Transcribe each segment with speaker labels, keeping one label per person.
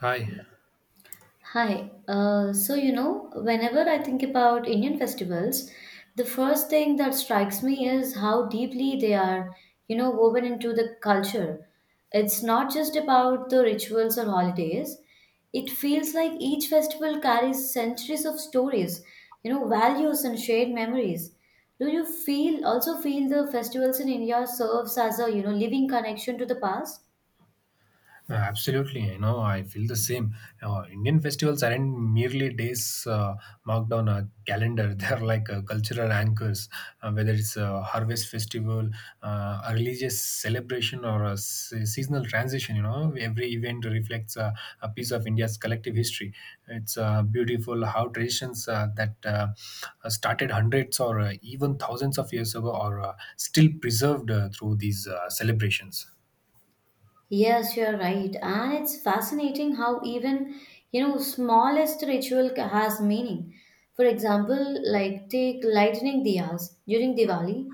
Speaker 1: Hi.
Speaker 2: Hi. So, whenever I think about Indian festivals, the first thing that strikes me is how deeply they are woven into the culture. It's not just about the rituals or holidays. It feels like each festival carries centuries of stories values and shared memories. Do you feel also feel the festivals in India serves as a living connection to the past?
Speaker 1: Absolutely. You know, I feel the same. Indian festivals aren't merely days marked on a calendar. They're like cultural anchors, whether it's a harvest festival, a religious celebration, or a seasonal transition. You know, every event reflects a piece of India's collective history. It's beautiful how traditions that started hundreds or even thousands of years ago are still preserved through these celebrations.
Speaker 2: Yes, you're right. And it's fascinating how even smallest ritual has meaning. For example, like take lightning diyas during Diwali.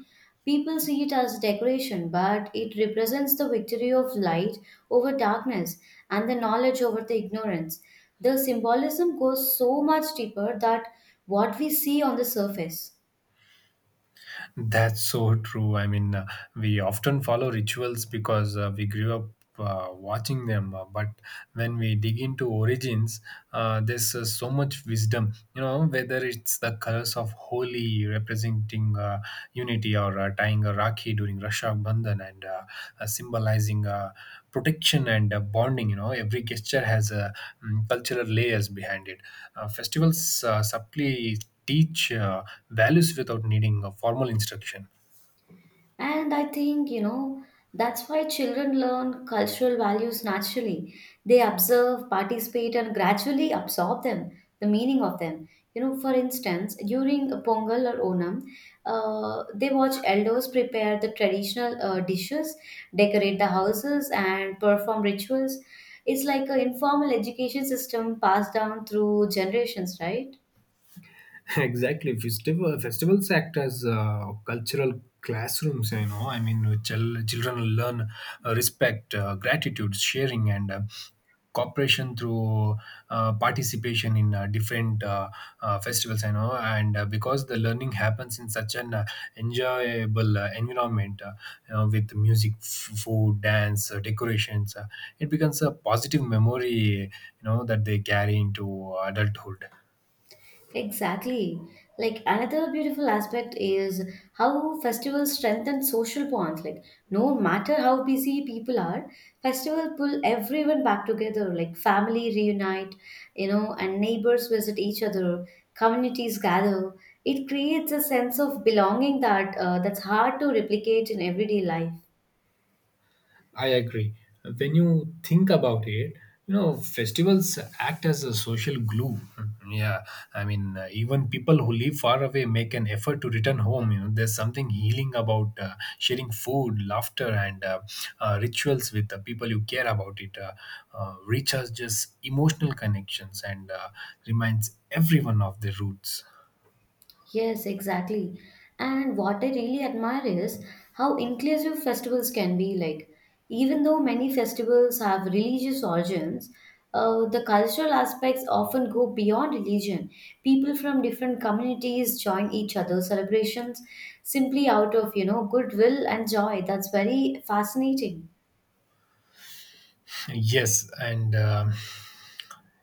Speaker 2: People see it as decoration, but it represents the victory of light over darkness and the knowledge over the ignorance. The symbolism goes so much deeper that what we see on the surface.
Speaker 1: That's so true. I mean, we often follow rituals because we grew up watching them. But when we dig into origins, there's so much wisdom. You know, whether it's the colors of holy representing unity or tying a rakhi during Raksha Bandhan and symbolizing protection and bonding, you know, every gesture has a cultural layers behind it. Festivals subtly teach values without needing a formal instruction.
Speaker 2: And I think that's why children learn cultural values naturally. They observe, participate, and gradually absorb them, the meaning of them. For instance, during Pongal or Onam, they watch elders prepare the traditional dishes, decorate the houses, and perform rituals. It's like an informal education system passed down through generations, right?
Speaker 1: Exactly, festivals act as cultural classrooms, you know. I mean, children learn respect, gratitude, sharing, and cooperation through participation in different festivals, I know. And because the learning happens in such an enjoyable environment, you know, with music, food, dance, decorations, it becomes a positive memory, you know, that they carry into adulthood.
Speaker 2: Exactly. Like another beautiful aspect is how festivals strengthen social bonds. Like no matter how busy people are, festival pull everyone back together. Like family reunite and neighbors visit each other. Communities gather. It creates a sense of belonging that that's hard to replicate in everyday life.
Speaker 1: I agree. When you think about it, you know, festivals act as a social glue. Yeah, I mean, even people who live far away make an effort to return home. You know, there's something healing about sharing food, laughter, and rituals with the people you care about. It recharges emotional connections and reminds everyone of their roots.
Speaker 2: Yes, exactly. And what I really admire is how inclusive festivals can be. Like, even though many festivals have religious origins, the cultural aspects often go beyond religion. People from different communities join each other's celebrations simply out of goodwill and joy. That's very fascinating.
Speaker 1: Yes, and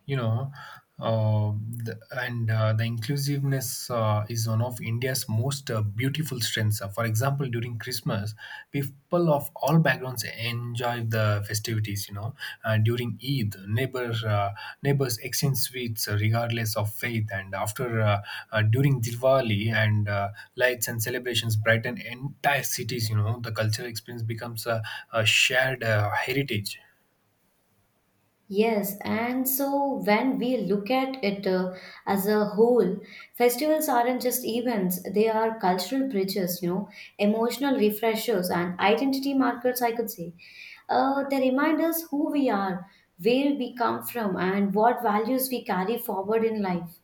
Speaker 1: you know uh, the inclusiveness is one of India's most beautiful strengths. For example, during Christmas, people of all backgrounds enjoy the festivities, you know. During Eid, neighbors exchange sweets regardless of faith. And after During Diwali and lights and celebrations brighten entire cities, you know, the cultural experience becomes a shared heritage.
Speaker 2: Yes, and so when we look at it as a whole, festivals aren't just events, they are cultural bridges emotional refreshers, and identity markers, I could say. They remind us who we are, where we come from, and what values we carry forward in life.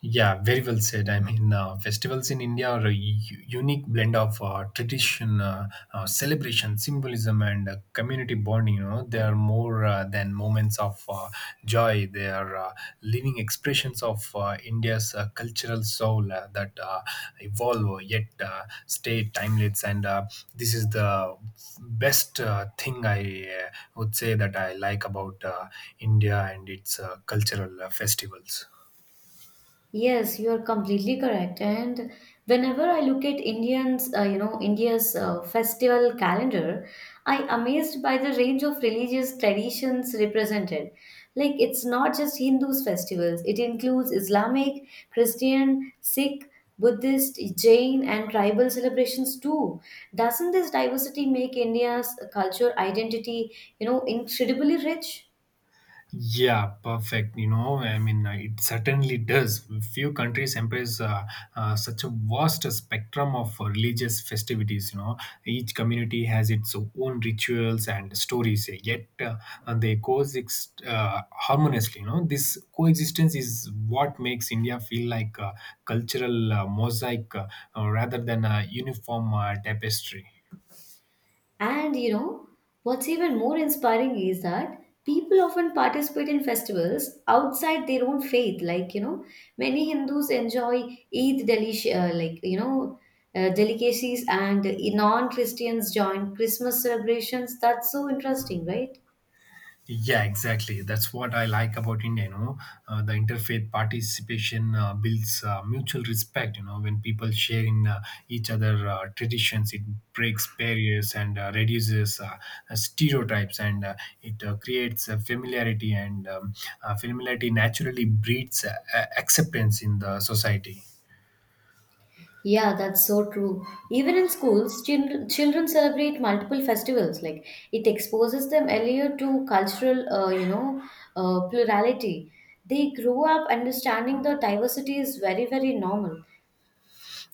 Speaker 1: Yeah, very well said. I mean, festivals in India are a unique blend of tradition, celebration, symbolism, and community bonding. You know, they are more than moments of joy. They are living expressions of India's cultural soul that evolve yet stay timeless. And this is the best thing I would say that I like about India and its cultural festivals.
Speaker 2: Yes, you are completely correct. And whenever I look at Indians, India's festival calendar, I amazed by the range of religious traditions represented. Like it's not just Hindus' festivals; it includes Islamic, Christian, Sikh, Buddhist, Jain, and tribal celebrations too. Doesn't this diversity make India's culture identity incredibly rich?
Speaker 1: Yeah, perfect. You know, I mean, it certainly does. Few countries embrace such a vast spectrum of religious festivities. You know, each community has its own rituals and stories, yet and they coexist harmoniously. You know, this coexistence is what makes India feel like a cultural mosaic, rather than a uniform tapestry.
Speaker 2: And what's even more inspiring is that people often participate in festivals outside their own faith. Like many Hindus enjoy Eid delish, like delicacies, and non Christians join Christmas celebrations. That's so interesting, right?
Speaker 1: Yeah, exactly. That's what I like about India. You know, the interfaith participation builds mutual respect. You know, when people share in each other traditions, it breaks barriers and reduces stereotypes, and it creates familiarity. And Familiarity naturally breeds acceptance in the society.
Speaker 2: Yeah, that's so true. Even in schools, children celebrate multiple festivals. Like it exposes them earlier to cultural, plurality. They grow up understanding the diversity is very, very normal.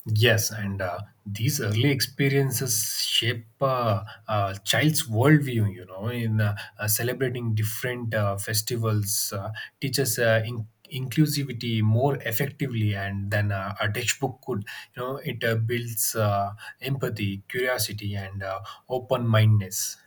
Speaker 1: Yes, and these early experiences shape a child's worldview, you know. In Celebrating different festivals teaches inclusivity more effectively and than a textbook could. You know, it builds empathy, curiosity, and open mindedness.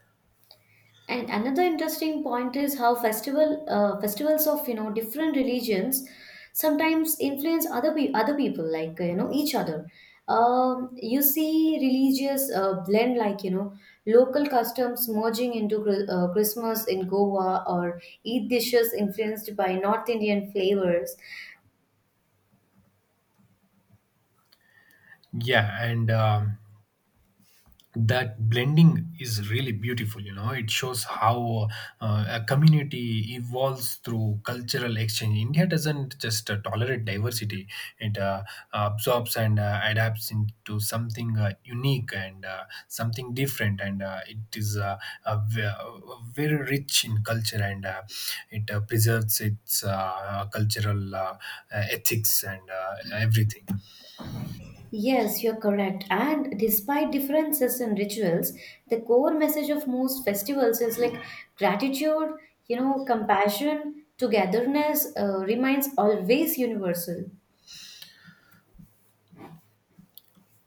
Speaker 2: And another interesting point is how festivals of different religions sometimes influence other people like each other. You see religious blend like local customs merging into Christmas in Goa or Eid dishes influenced by North Indian flavors.
Speaker 1: Yeah, and that blending is really beautiful. You know, it shows how a community evolves through cultural exchange. India doesn't just tolerate diversity, it absorbs and adapts into something unique and something different. And it is a ve- a very rich in culture, and it preserves its cultural ethics and everything.
Speaker 2: Yes, you're correct. And despite differences in rituals, the core message of most festivals is like gratitude compassion, togetherness remains always universal.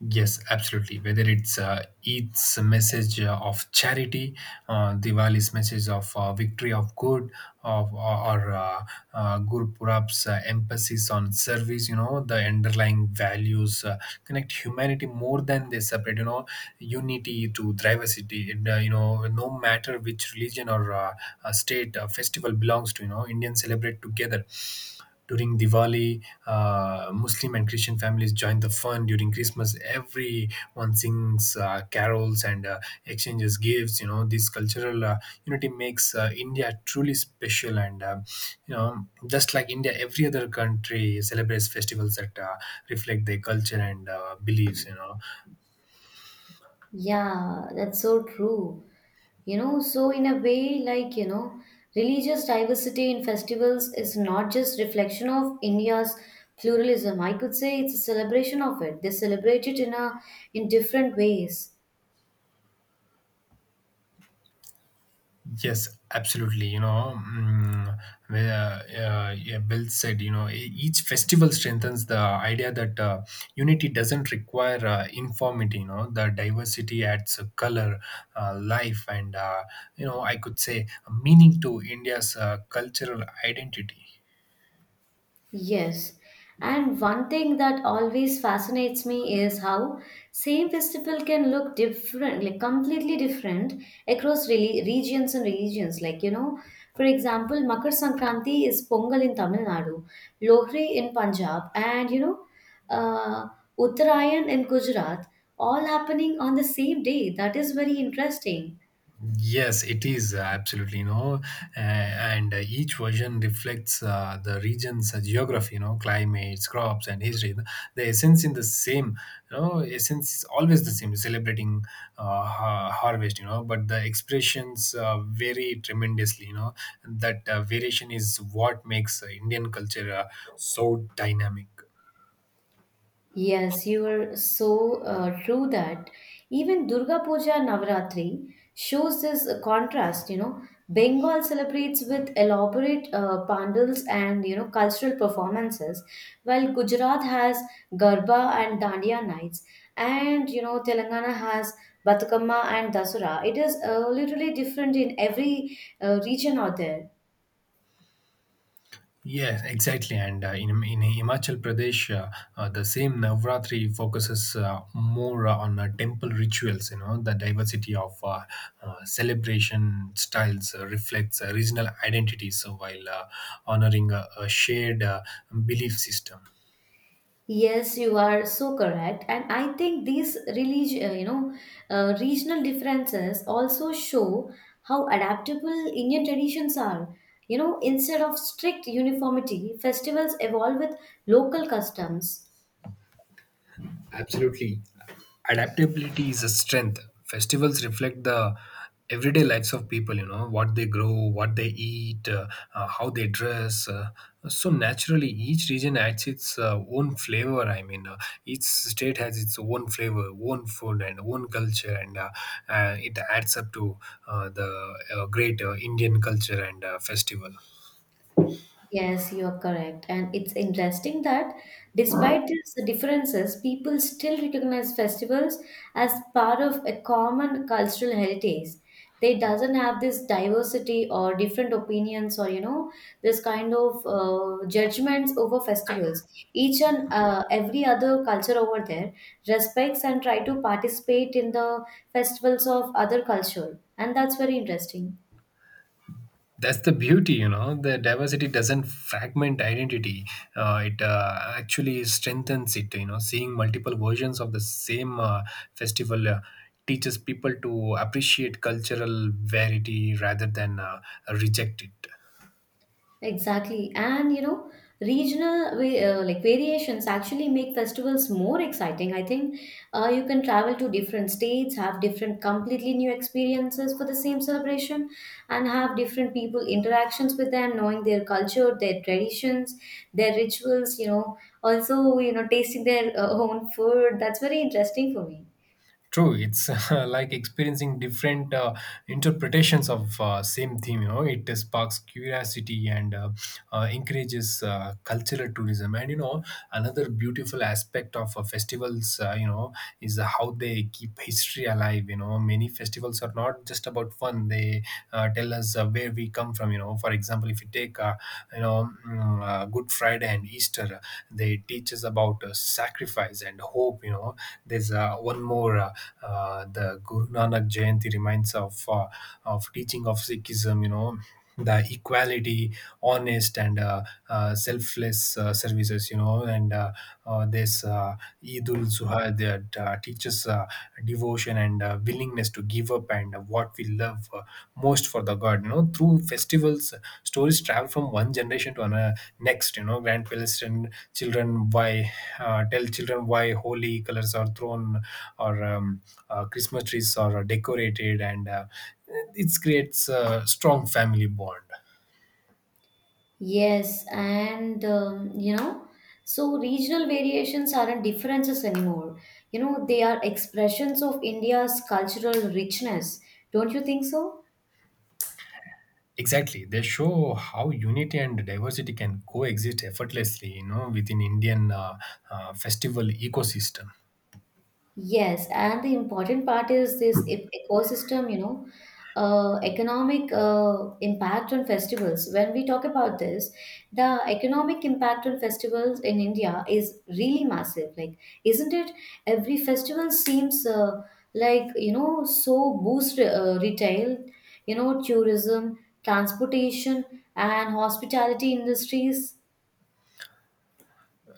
Speaker 1: Yes, absolutely. Whether it's Eid's message of charity, Diwali's message of victory of good, of, or Gurpurab's emphasis on service, you know, the underlying values connect humanity more than they separate, you know, unity to diversity. And, you know, no matter which religion or state festival belongs to, you know, Indians celebrate together during Diwali. Muslim and Christian families join the fun during Christmas. Everyone sings carols and exchanges gifts. You know, this cultural unity makes India truly special. And You know, just like India, every other country celebrates festivals that reflect their culture and beliefs, you know.
Speaker 2: Yeah, that's so true. So in a way, like religious diversity in festivals is not just reflection of India's pluralism. I could say it's a celebration of it. They celebrate it in a in different ways.
Speaker 1: Yes, absolutely. You know, where, yeah, Bill said, you know, each festival strengthens the idea that unity doesn't require uniformity. You know, the diversity adds a color, life, and you know, I could say meaning to India's cultural identity.
Speaker 2: Yes, and one thing that always fascinates me is how same festival can look different, like completely different across regions and religions. Like for example, Makar Sankranti is Pongal in Tamil Nadu, Lohri in Punjab, and uh, Uttarayan in Gujarat, all happening on the same day. That is very interesting.
Speaker 1: Yes, it is absolutely, you know, and each version reflects the region's geography, you know, climates, crops, and history. The essence in the same, you know, Essence is always the same, celebrating harvest, you know, but the expressions vary tremendously, you know, that variation is what makes Indian culture so dynamic.
Speaker 2: Yes, you are so true that even Durga Puja Navratri shows this contrast. Bengal celebrates with elaborate pandals and cultural performances, while Gujarat has Garba and Dandiya nights, and Telangana has Batukamma and Dasura. It is literally different in every region out there.
Speaker 1: Yes, exactly. And in Himachal Pradesh, the same Navratri focuses more on temple rituals. You know, the diversity of celebration styles reflects regional identity, so. While honoring a shared belief system.
Speaker 2: Yes, you are so correct. And I think these religion regional differences also show how adaptable Indian traditions are. Instead of strict uniformity, festivals evolve with local customs.
Speaker 1: Absolutely. Adaptability is a strength. Festivals reflect the everyday lives of people, you know, what they grow, what they eat, how they dress. So, naturally, each region adds its own flavor. I mean, each state has its own flavor, own food, and own culture, and it adds up to the great Indian culture and festival.
Speaker 2: Yes, you're correct. And it's interesting that despite these differences, people still recognize festivals as part of a common cultural heritage. They doesn't have this diversity or different opinions or this kind of judgments over festivals. Each and every other culture over there respects and try to participate in the festivals of other culture, and that's very interesting.
Speaker 1: That's the beauty, you know. The diversity doesn't fragment identity, it actually strengthens it. You know, seeing multiple versions of the same festival teaches people to appreciate cultural variety rather than reject it.
Speaker 2: Exactly. And regional like variations actually make festivals more exciting. I think you can travel to different states, have different completely new experiences for the same celebration, and have different people interactions with them, knowing their culture, their traditions, their rituals also tasting their own food. That's very interesting for me.
Speaker 1: True. It's like experiencing different interpretations of same theme. You know, it sparks curiosity and encourages cultural tourism. And you know, another beautiful aspect of festivals, you know, is how they keep history alive. You know, many festivals are not just about fun; they tell us where we come from. You know, for example, if you take Good Friday and Easter, they teach us about sacrifice and hope. You know, there's one more. The Guru Nanak Jayanti reminds of teaching of Sikhism, you know, the equality, honest and selfless services, you know, and this Eidul Zuha that teaches devotion and willingness to give up and what we love most for the God. You know, through festivals, stories travel from one generation to another next, you know, grand and children why tell children why holy colors are thrown or Christmas trees are decorated, and it creates a strong family bond.
Speaker 2: Yes, and so regional variations aren't differences anymore. They are expressions of India's cultural richness. Don't you think so?
Speaker 1: Exactly. They show how unity and diversity can coexist effortlessly, you know, within Indian festival ecosystem.
Speaker 2: Yes, and the important part is this ecosystem economic impact on festivals. When we talk about this, the economic impact on festivals in India is really massive. Like, isn't it? Every festival seems like so boost retail tourism, transportation, and hospitality industries.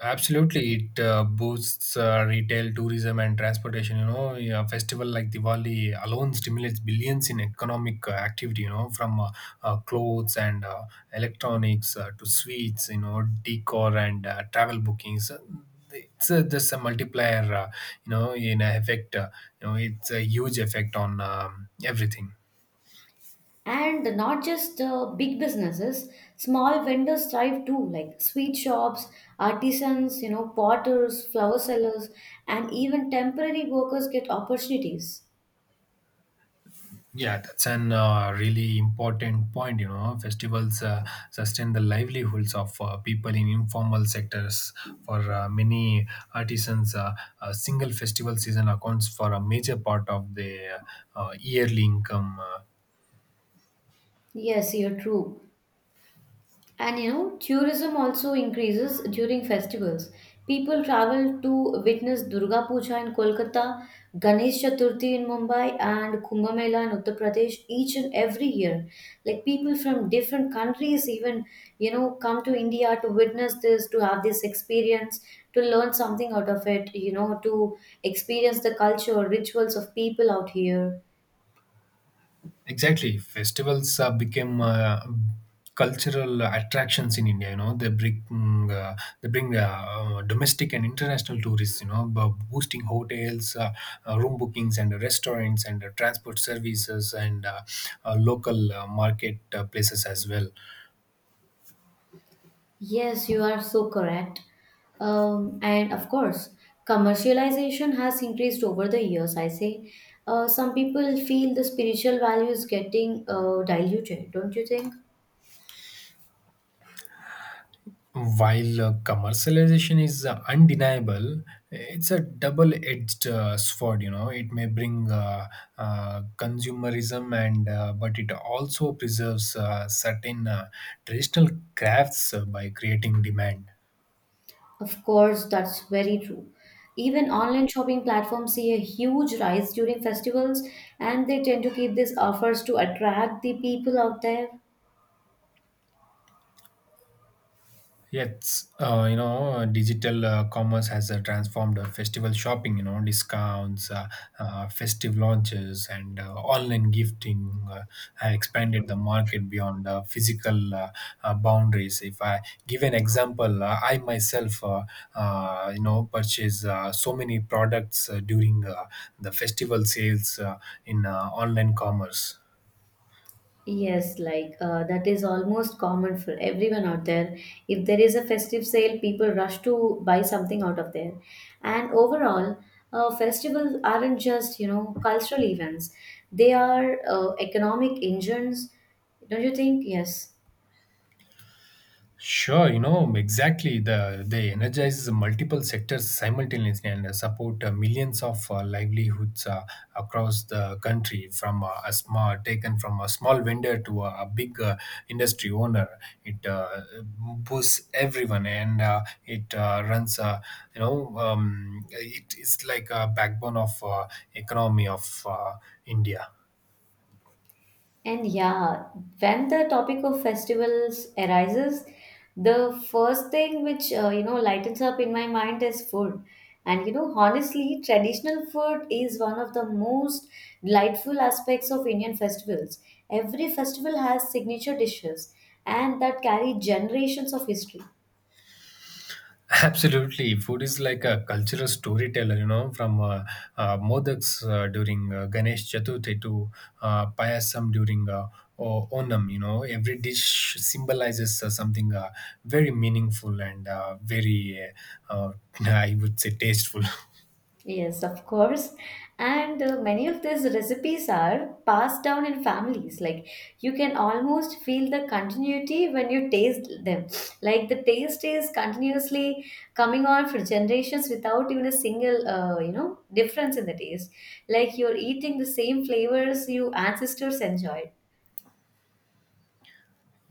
Speaker 1: Absolutely, it boosts retail, tourism, and transportation. You know, yeah, a festival like Diwali alone stimulates billions in economic activity. You know, from clothes and electronics to sweets. You know, decor and travel bookings. It's just a multiplier, you know, in a effect. You know, it's a huge effect on everything.
Speaker 2: And not just the big businesses, small vendors thrive too, like sweet shops, artisans potters, flower sellers, and even temporary workers get opportunities.
Speaker 1: Yeah, that's an really important point. You know, festivals sustain the livelihoods of people in informal sectors. For many artisans, a single festival season accounts for a major part of their yearly income.
Speaker 2: Yes, you're true. And tourism also increases during festivals. People travel to witness Durga Puja in Kolkata, Ganesh Chaturthi in Mumbai, and Kumbh Mela in Uttar Pradesh each and every year. Like people from different countries, even come to India to witness this, to have this experience, to learn something out of it to experience the culture, rituals of people out here.
Speaker 1: Exactly. Festivals became cultural attractions in India. You know, they bring domestic and international tourists. You know, boosting hotels, room bookings, and restaurants, and transport services, and local market places as well.
Speaker 2: Yes, you are so correct. And of course, commercialization has increased over the years. I say some people feel the spiritual value is getting diluted, don't you think?
Speaker 1: While commercialization is undeniable, it's a double-edged sword. You know, it may bring consumerism, and but it also preserves certain traditional crafts by creating demand.
Speaker 2: Of course, that's very true. Even online shopping platforms see a huge rise during festivals, and they tend to keep these offers to attract the people out there.
Speaker 1: Yes, you know, digital commerce has transformed festival shopping, you know, discounts, festive launches, and online gifting have expanded the market beyond physical boundaries. If I give an example, I myself, purchase so many products during the festival sales in online commerce.
Speaker 2: Yes, like that is almost common for everyone out there. If there is a festive sale, people rush to buy something out of there. And overall, festivals aren't just cultural events, they are economic engines. Don't you think? Yes.
Speaker 1: Sure, you know, exactly. They energize multiple sectors simultaneously and support millions of livelihoods across the country, from a small vendor to a big industry owner. It boosts everyone, and it it is like a backbone of economy of India.
Speaker 2: And yeah, when the topic of festivals arises, the first thing which lightens up in my mind is food. And honestly, traditional food is one of the most delightful aspects of Indian festivals. Every festival has signature dishes and that carry generations of history.
Speaker 1: Absolutely, food is like a cultural storyteller. You know, from modaks during Ganesh Chaturthi to payasam during Onam. You know, every dish symbolizes something very meaningful and uh, uh, I would say, tasteful.
Speaker 2: Yes, of course. And many of these recipes are passed down in families. Like you can almost feel the continuity when you taste them. Like the taste is continuously coming on for generations without even a single, difference in the taste. Like you're eating the same flavors you ancestors enjoyed.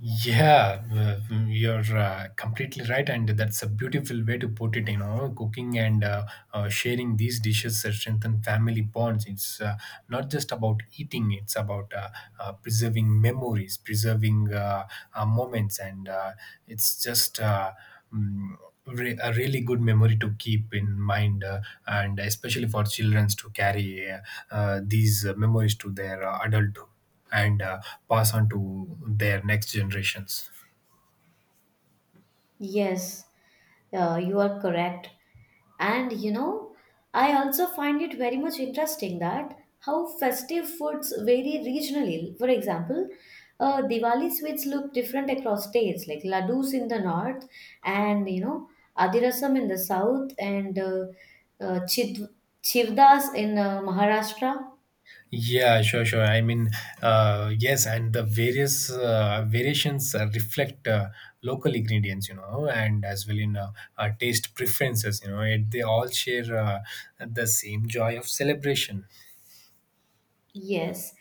Speaker 1: Yeah, you're completely right, and that's a beautiful way to put it. You know, cooking and sharing these dishes strengthen family bonds. It's not just about eating; it's about preserving memories, preserving moments, and it's just. Mm, re- a really good memory to keep in mind and especially for children to carry these memories to their adulthood and pass on to their next generations.
Speaker 2: Yes, you are correct. And I also find it very much interesting that how festive foods vary regionally. For example, Diwali sweets look different across states, like laddus in the north, and adirasam in the south, and uh, chid- chivdas in Maharashtra.
Speaker 1: Yeah, sure, sure. I mean, yes, and the various variations reflect local ingredients, you know, and as well in taste preferences, you know, they all share the same joy of celebration.
Speaker 2: Yes.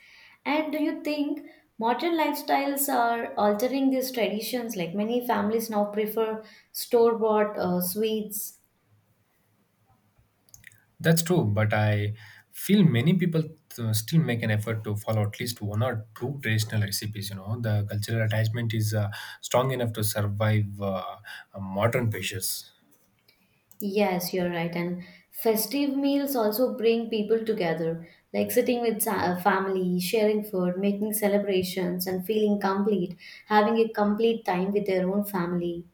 Speaker 2: And do you think modern lifestyles are altering these traditions? Like many families now prefer store-bought sweets.
Speaker 1: That's true, but I feel many people still make an effort to follow at least one or two traditional recipes, you know. The cultural attachment is strong enough to survive modern pressures.
Speaker 2: Yes, you're right. And festive meals also bring people together, like sitting with family, sharing food, making celebrations, and feeling complete, having a complete time with their own family.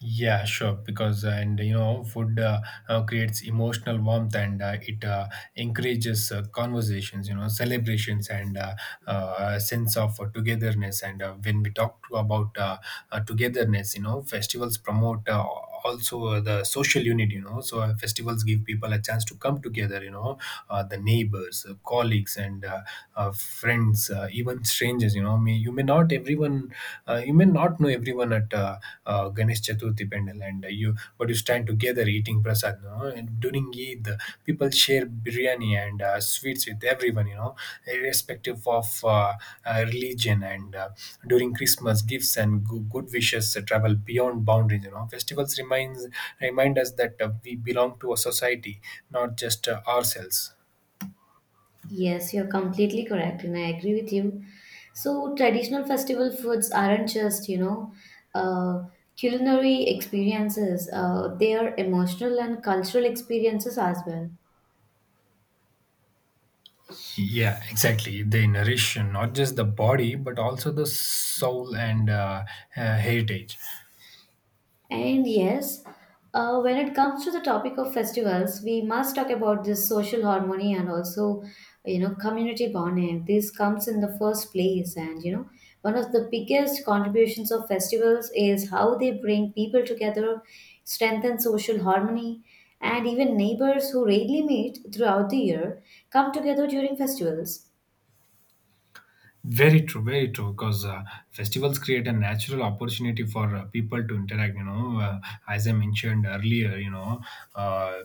Speaker 1: Yeah, sure. Because and you know, food creates emotional warmth and it encourages conversations, you know, celebrations and a sense of togetherness. And when we talk to about togetherness, you know, festivals promote also the social unit. You know, so festivals give people a chance to come together. You know, the neighbors, colleagues, and friends, even strangers. You know may you may not everyone You may not know everyone at Ganesh Chaturthi Pendal, and you stand together eating prasad, you know. And during Eid, people share biryani and sweets with everyone, you know, irrespective of uh, religion. And during Christmas, good wishes travel beyond boundaries, you know. Festivals remind us that we belong to a society, not just ourselves.
Speaker 2: Yes, you're completely correct, and I agree with you. So, traditional festival foods aren't just uh, culinary experiences, they are emotional and cultural experiences as well.
Speaker 1: Yeah, exactly. They nourish not just the body, but also the soul and heritage.
Speaker 2: And yes, when it comes to the topic of festivals, we must talk about this social harmony and also community bonding. This comes in the first place, and one of the biggest contributions of festivals is how they bring people together, strengthen social harmony, and even neighbors who rarely meet throughout the year come together during festivals.
Speaker 1: Very true, very true. Because festivals create a natural opportunity for people to interact. You know, as I mentioned earlier, you know, uh,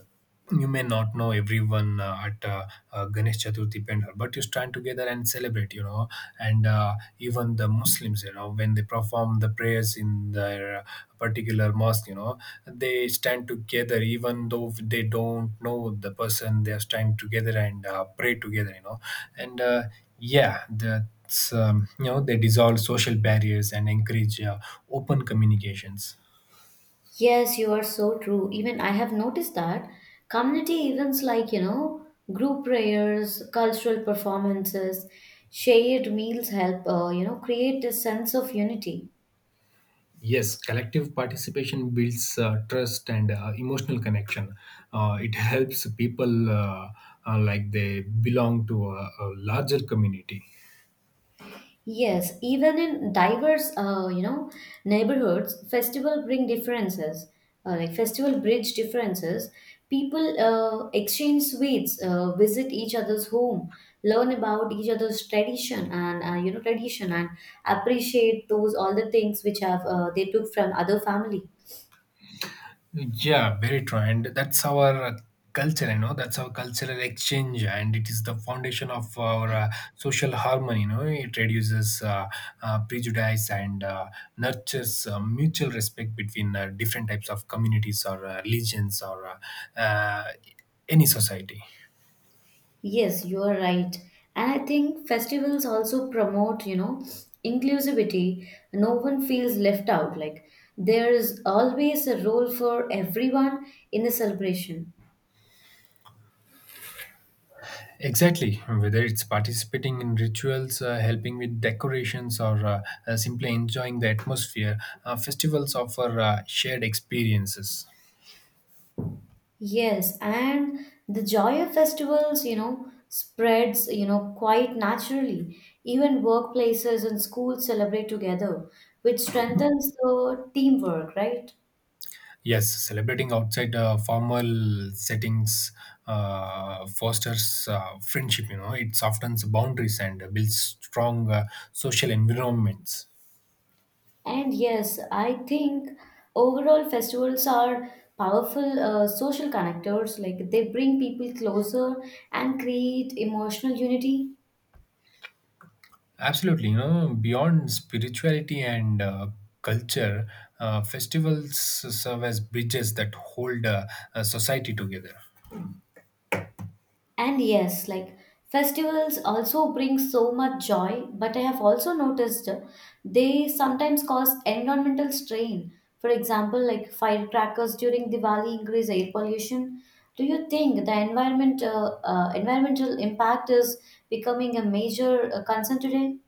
Speaker 1: you may not know everyone at Ganesh Chaturthi Pendal, but you stand together and celebrate, you know. And even the Muslims, you know, when they perform the prayers in their particular mosque, you know, they stand together, even though they don't know the person. They stand together and pray together, you know. And yeah, that's you know, they dissolve social barriers and encourage open communications.
Speaker 2: Yes, you are so true. Even I have noticed that community events like group prayers, cultural performances, shared meals help create a sense of unity.
Speaker 1: Yes, collective participation builds trust and emotional connection. It helps people uh, like they belong to a larger community.
Speaker 2: Yes, even in diverse, neighborhoods, festival bring differences. Like festival bridge differences. People exchange sweets, visit each other's home, learn about each other's tradition and tradition, and appreciate those all the things which have they took from other family.
Speaker 1: Yeah, very true. And that's our culture, you know, that's our cultural exchange, and it is the foundation of our social harmony. You know, it reduces prejudice and nurtures mutual respect between different types of communities or religions or uh, uh, any society.
Speaker 2: Yes, you are right. And I think festivals also promote inclusivity. No one feels left out. Like there is always a role for everyone in the celebration.
Speaker 1: Exactly, whether it's participating in rituals, helping with decorations, or simply enjoying the atmosphere, festivals offer shared experiences.
Speaker 2: Yes, and the joy of festivals spreads quite naturally. Even workplaces and schools celebrate together, which strengthens the teamwork, right?
Speaker 1: Yes, celebrating outside formal settings fosters friendship. You know, it softens boundaries and builds strong social environments.
Speaker 2: And yes, I think overall festivals are powerful social connectors. Like they bring people closer and create emotional unity.
Speaker 1: Absolutely, you know, beyond spirituality and culture, festivals serve as bridges that hold a society together.
Speaker 2: And yes, like festivals also bring so much joy, but I have also noticed they sometimes cause environmental strain. For example, like firecrackers during Diwali increase air pollution. Do you think the environment environmental impact is becoming a major concern today?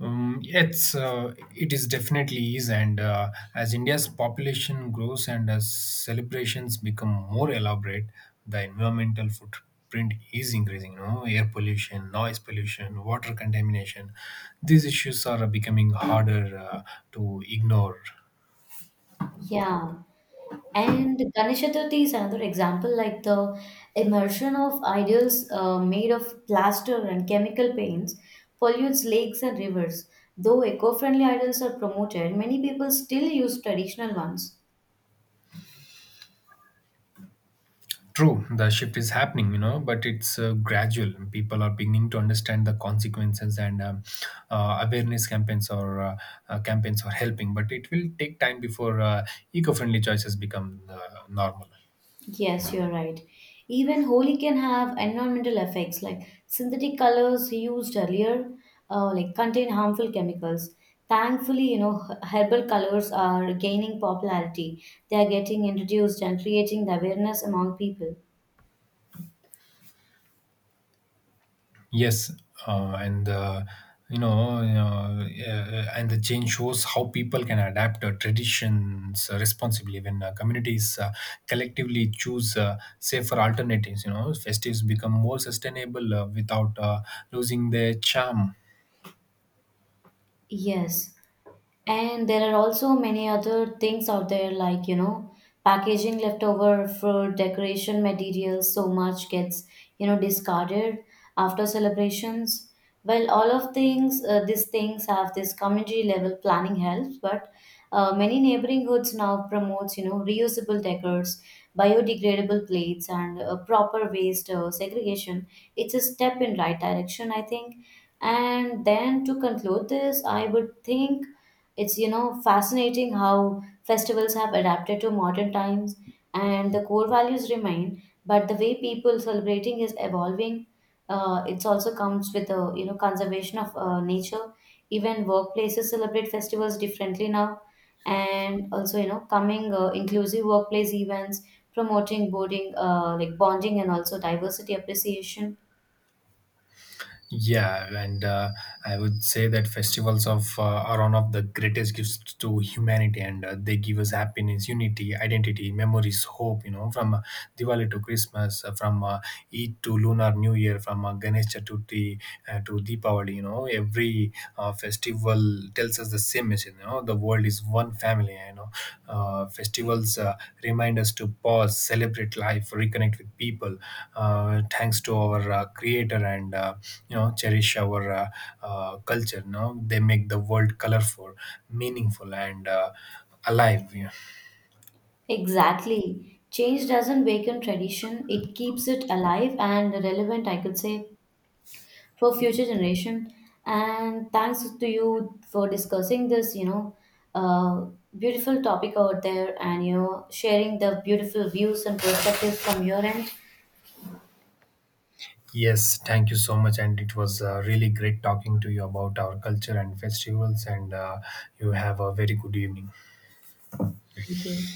Speaker 1: It is definitely is, and as India's population grows and as celebrations become more elaborate, the environmental footprint is increasing. You know, air pollution, noise pollution, water contamination. These issues are becoming harder to ignore.
Speaker 2: Yeah, and Ganesh Chaturthi is another example, like the immersion of idols made of plaster and chemical paints pollutes lakes and rivers. Though eco-friendly idols are promoted, many people still use traditional ones.
Speaker 1: True, the shift is happening, you know, but it's gradual. People are beginning to understand the consequences, and awareness campaigns or campaigns are helping. But it will take time before eco-friendly choices become normal.
Speaker 2: Yes, you're right. Even Holi can have environmental effects like synthetic colors used earlier, like contain harmful chemicals. Thankfully herbal colors are gaining popularity. They are getting introduced and creating the awareness among people.
Speaker 1: Yes, uh, and uh, yeah, and the change shows how people can adapt traditions responsibly when communities collectively choose safer alternatives. You know, festives become more sustainable without losing their charm.
Speaker 2: Yes. And there are also many other things out there like packaging leftover fruit, decoration materials, so much gets discarded after celebrations. Well, all of things, these things have this community level planning helps, but many neighboring hoods now promotes reusable decors, biodegradable plates and proper waste segregation. It's a step in right direction, I think and then to conclude this, I would think it's fascinating how festivals have adapted to modern times and the core values remain, but the way people celebrating is evolving. It also comes with the conservation of nature. Even workplaces celebrate festivals differently now, and also coming inclusive workplace events promoting boarding like bonding and also diversity appreciation.
Speaker 1: Yeah, and I would say that festivals of are one of the greatest gifts to humanity, and they give us happiness, unity, identity, memories, hope. You know, from Diwali to Christmas, from Eid to Lunar New Year, from Ganesh Chaturthi to Deepavali. You know, every festival tells us the same message, you know, the world is one family, you know. Festivals remind us to pause, celebrate life, reconnect with people, thanks to our creator, and you know, cherish our culture, you know. They make the world colorful, meaningful, and alive, you know.
Speaker 2: Exactly. Change doesn't weaken tradition, it keeps it alive and relevant, I could say, for future generation. And thanks to you for discussing this uh, beautiful topic out there and sharing the beautiful views and perspectives from your end.
Speaker 1: Yes, thank you so much, and it was really great talking to you about our culture and festivals, and you have a very good evening.
Speaker 2: Thank you.